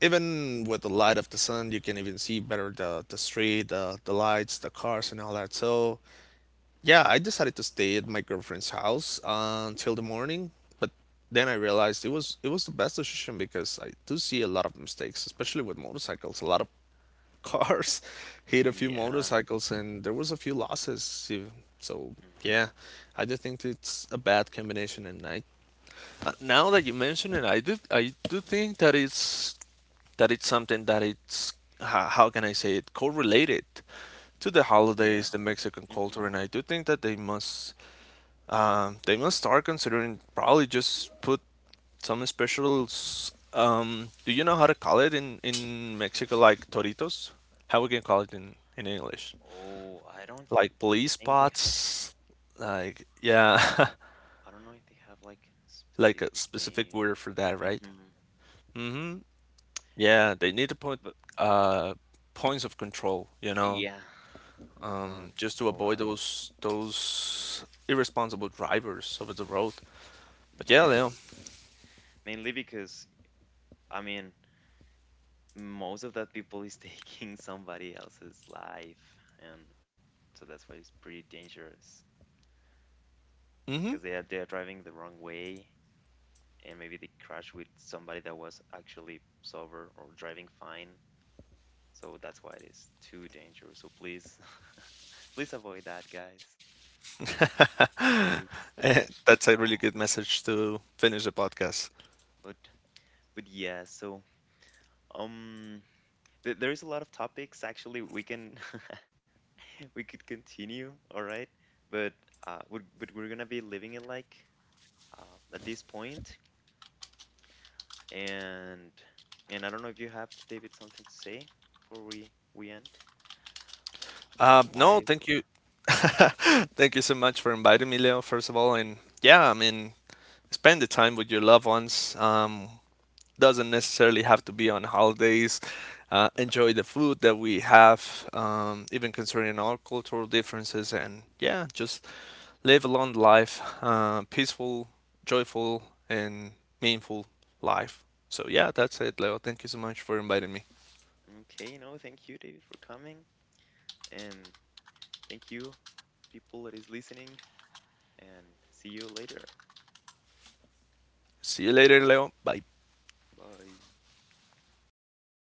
B: even with the light of the sun, you can even see better the street, the lights, the cars, and all that. So yeah, I decided to stay at my girlfriend's house until the morning. But then I realized it was the best decision because I do see a lot of mistakes, especially with motorcycles. A lot of cars hit a few
A: yeah.
B: motorcycles and there was a few losses. You- So
A: Hmm.
B: yeah, I do think it's a bad combination and I now that you mention it, I do think that it's something that it's how can I say it correlated to the
A: Yeah.
B: holidays, the
A: Hmm.
B: Mexican culture, and I do think that they must start considering probably just put some specials. Do you know how to call it in Mexico, like toritos? How we can call it in English?
A: Oh, I don't
B: Like police
A: think they have.
B: spots, like yeah,
A: I don't know if they have like
B: like
A: specific
B: a
A: name.
B: specific word for that, right?
A: Hmm.
B: Mm-hmm. Yeah, they need to
A: But
B: put uh points of control, you know,
A: yeah. Uh-huh.
B: just
A: A
B: to
A: lot.
B: avoid those irresponsible drivers over the road. But yeah,
A: Yes.
B: Leo.
A: Mainly because, I mean, most of that people is taking somebody else's life, and so that's why it's pretty dangerous because
B: Mm-hmm.
A: they are driving the wrong way, and maybe they crash with somebody that was actually sober or driving fine. So that's why it is too dangerous. So please, please avoid that, guys. It's
B: Eh,
A: not
B: that's a
A: cool.
B: really good message to finish the podcast.
A: But but yeah, so um, th there is a lot of topics actually we can we could continue, all right? But but we're gonna be leaving it like at this point, and and I don't know if you have David something to say before we end, an advice
B: No,
A: or
B: thank you. Thank you so much for inviting me, Leo, first of all. And yeah, I mean, spend the time with your loved ones. Doesn't necessarily have to be on holidays. Enjoy the food that we have, even considering our cultural differences. And yeah, just live a long life, peaceful, joyful, and meaningful life. So yeah, that's it, Leo. Thank you so much for inviting me.
A: okay, no, thank you, David, for coming, and thank you, people that is listening, and see you later.
B: See you later, Leo. Bye.
A: Bye.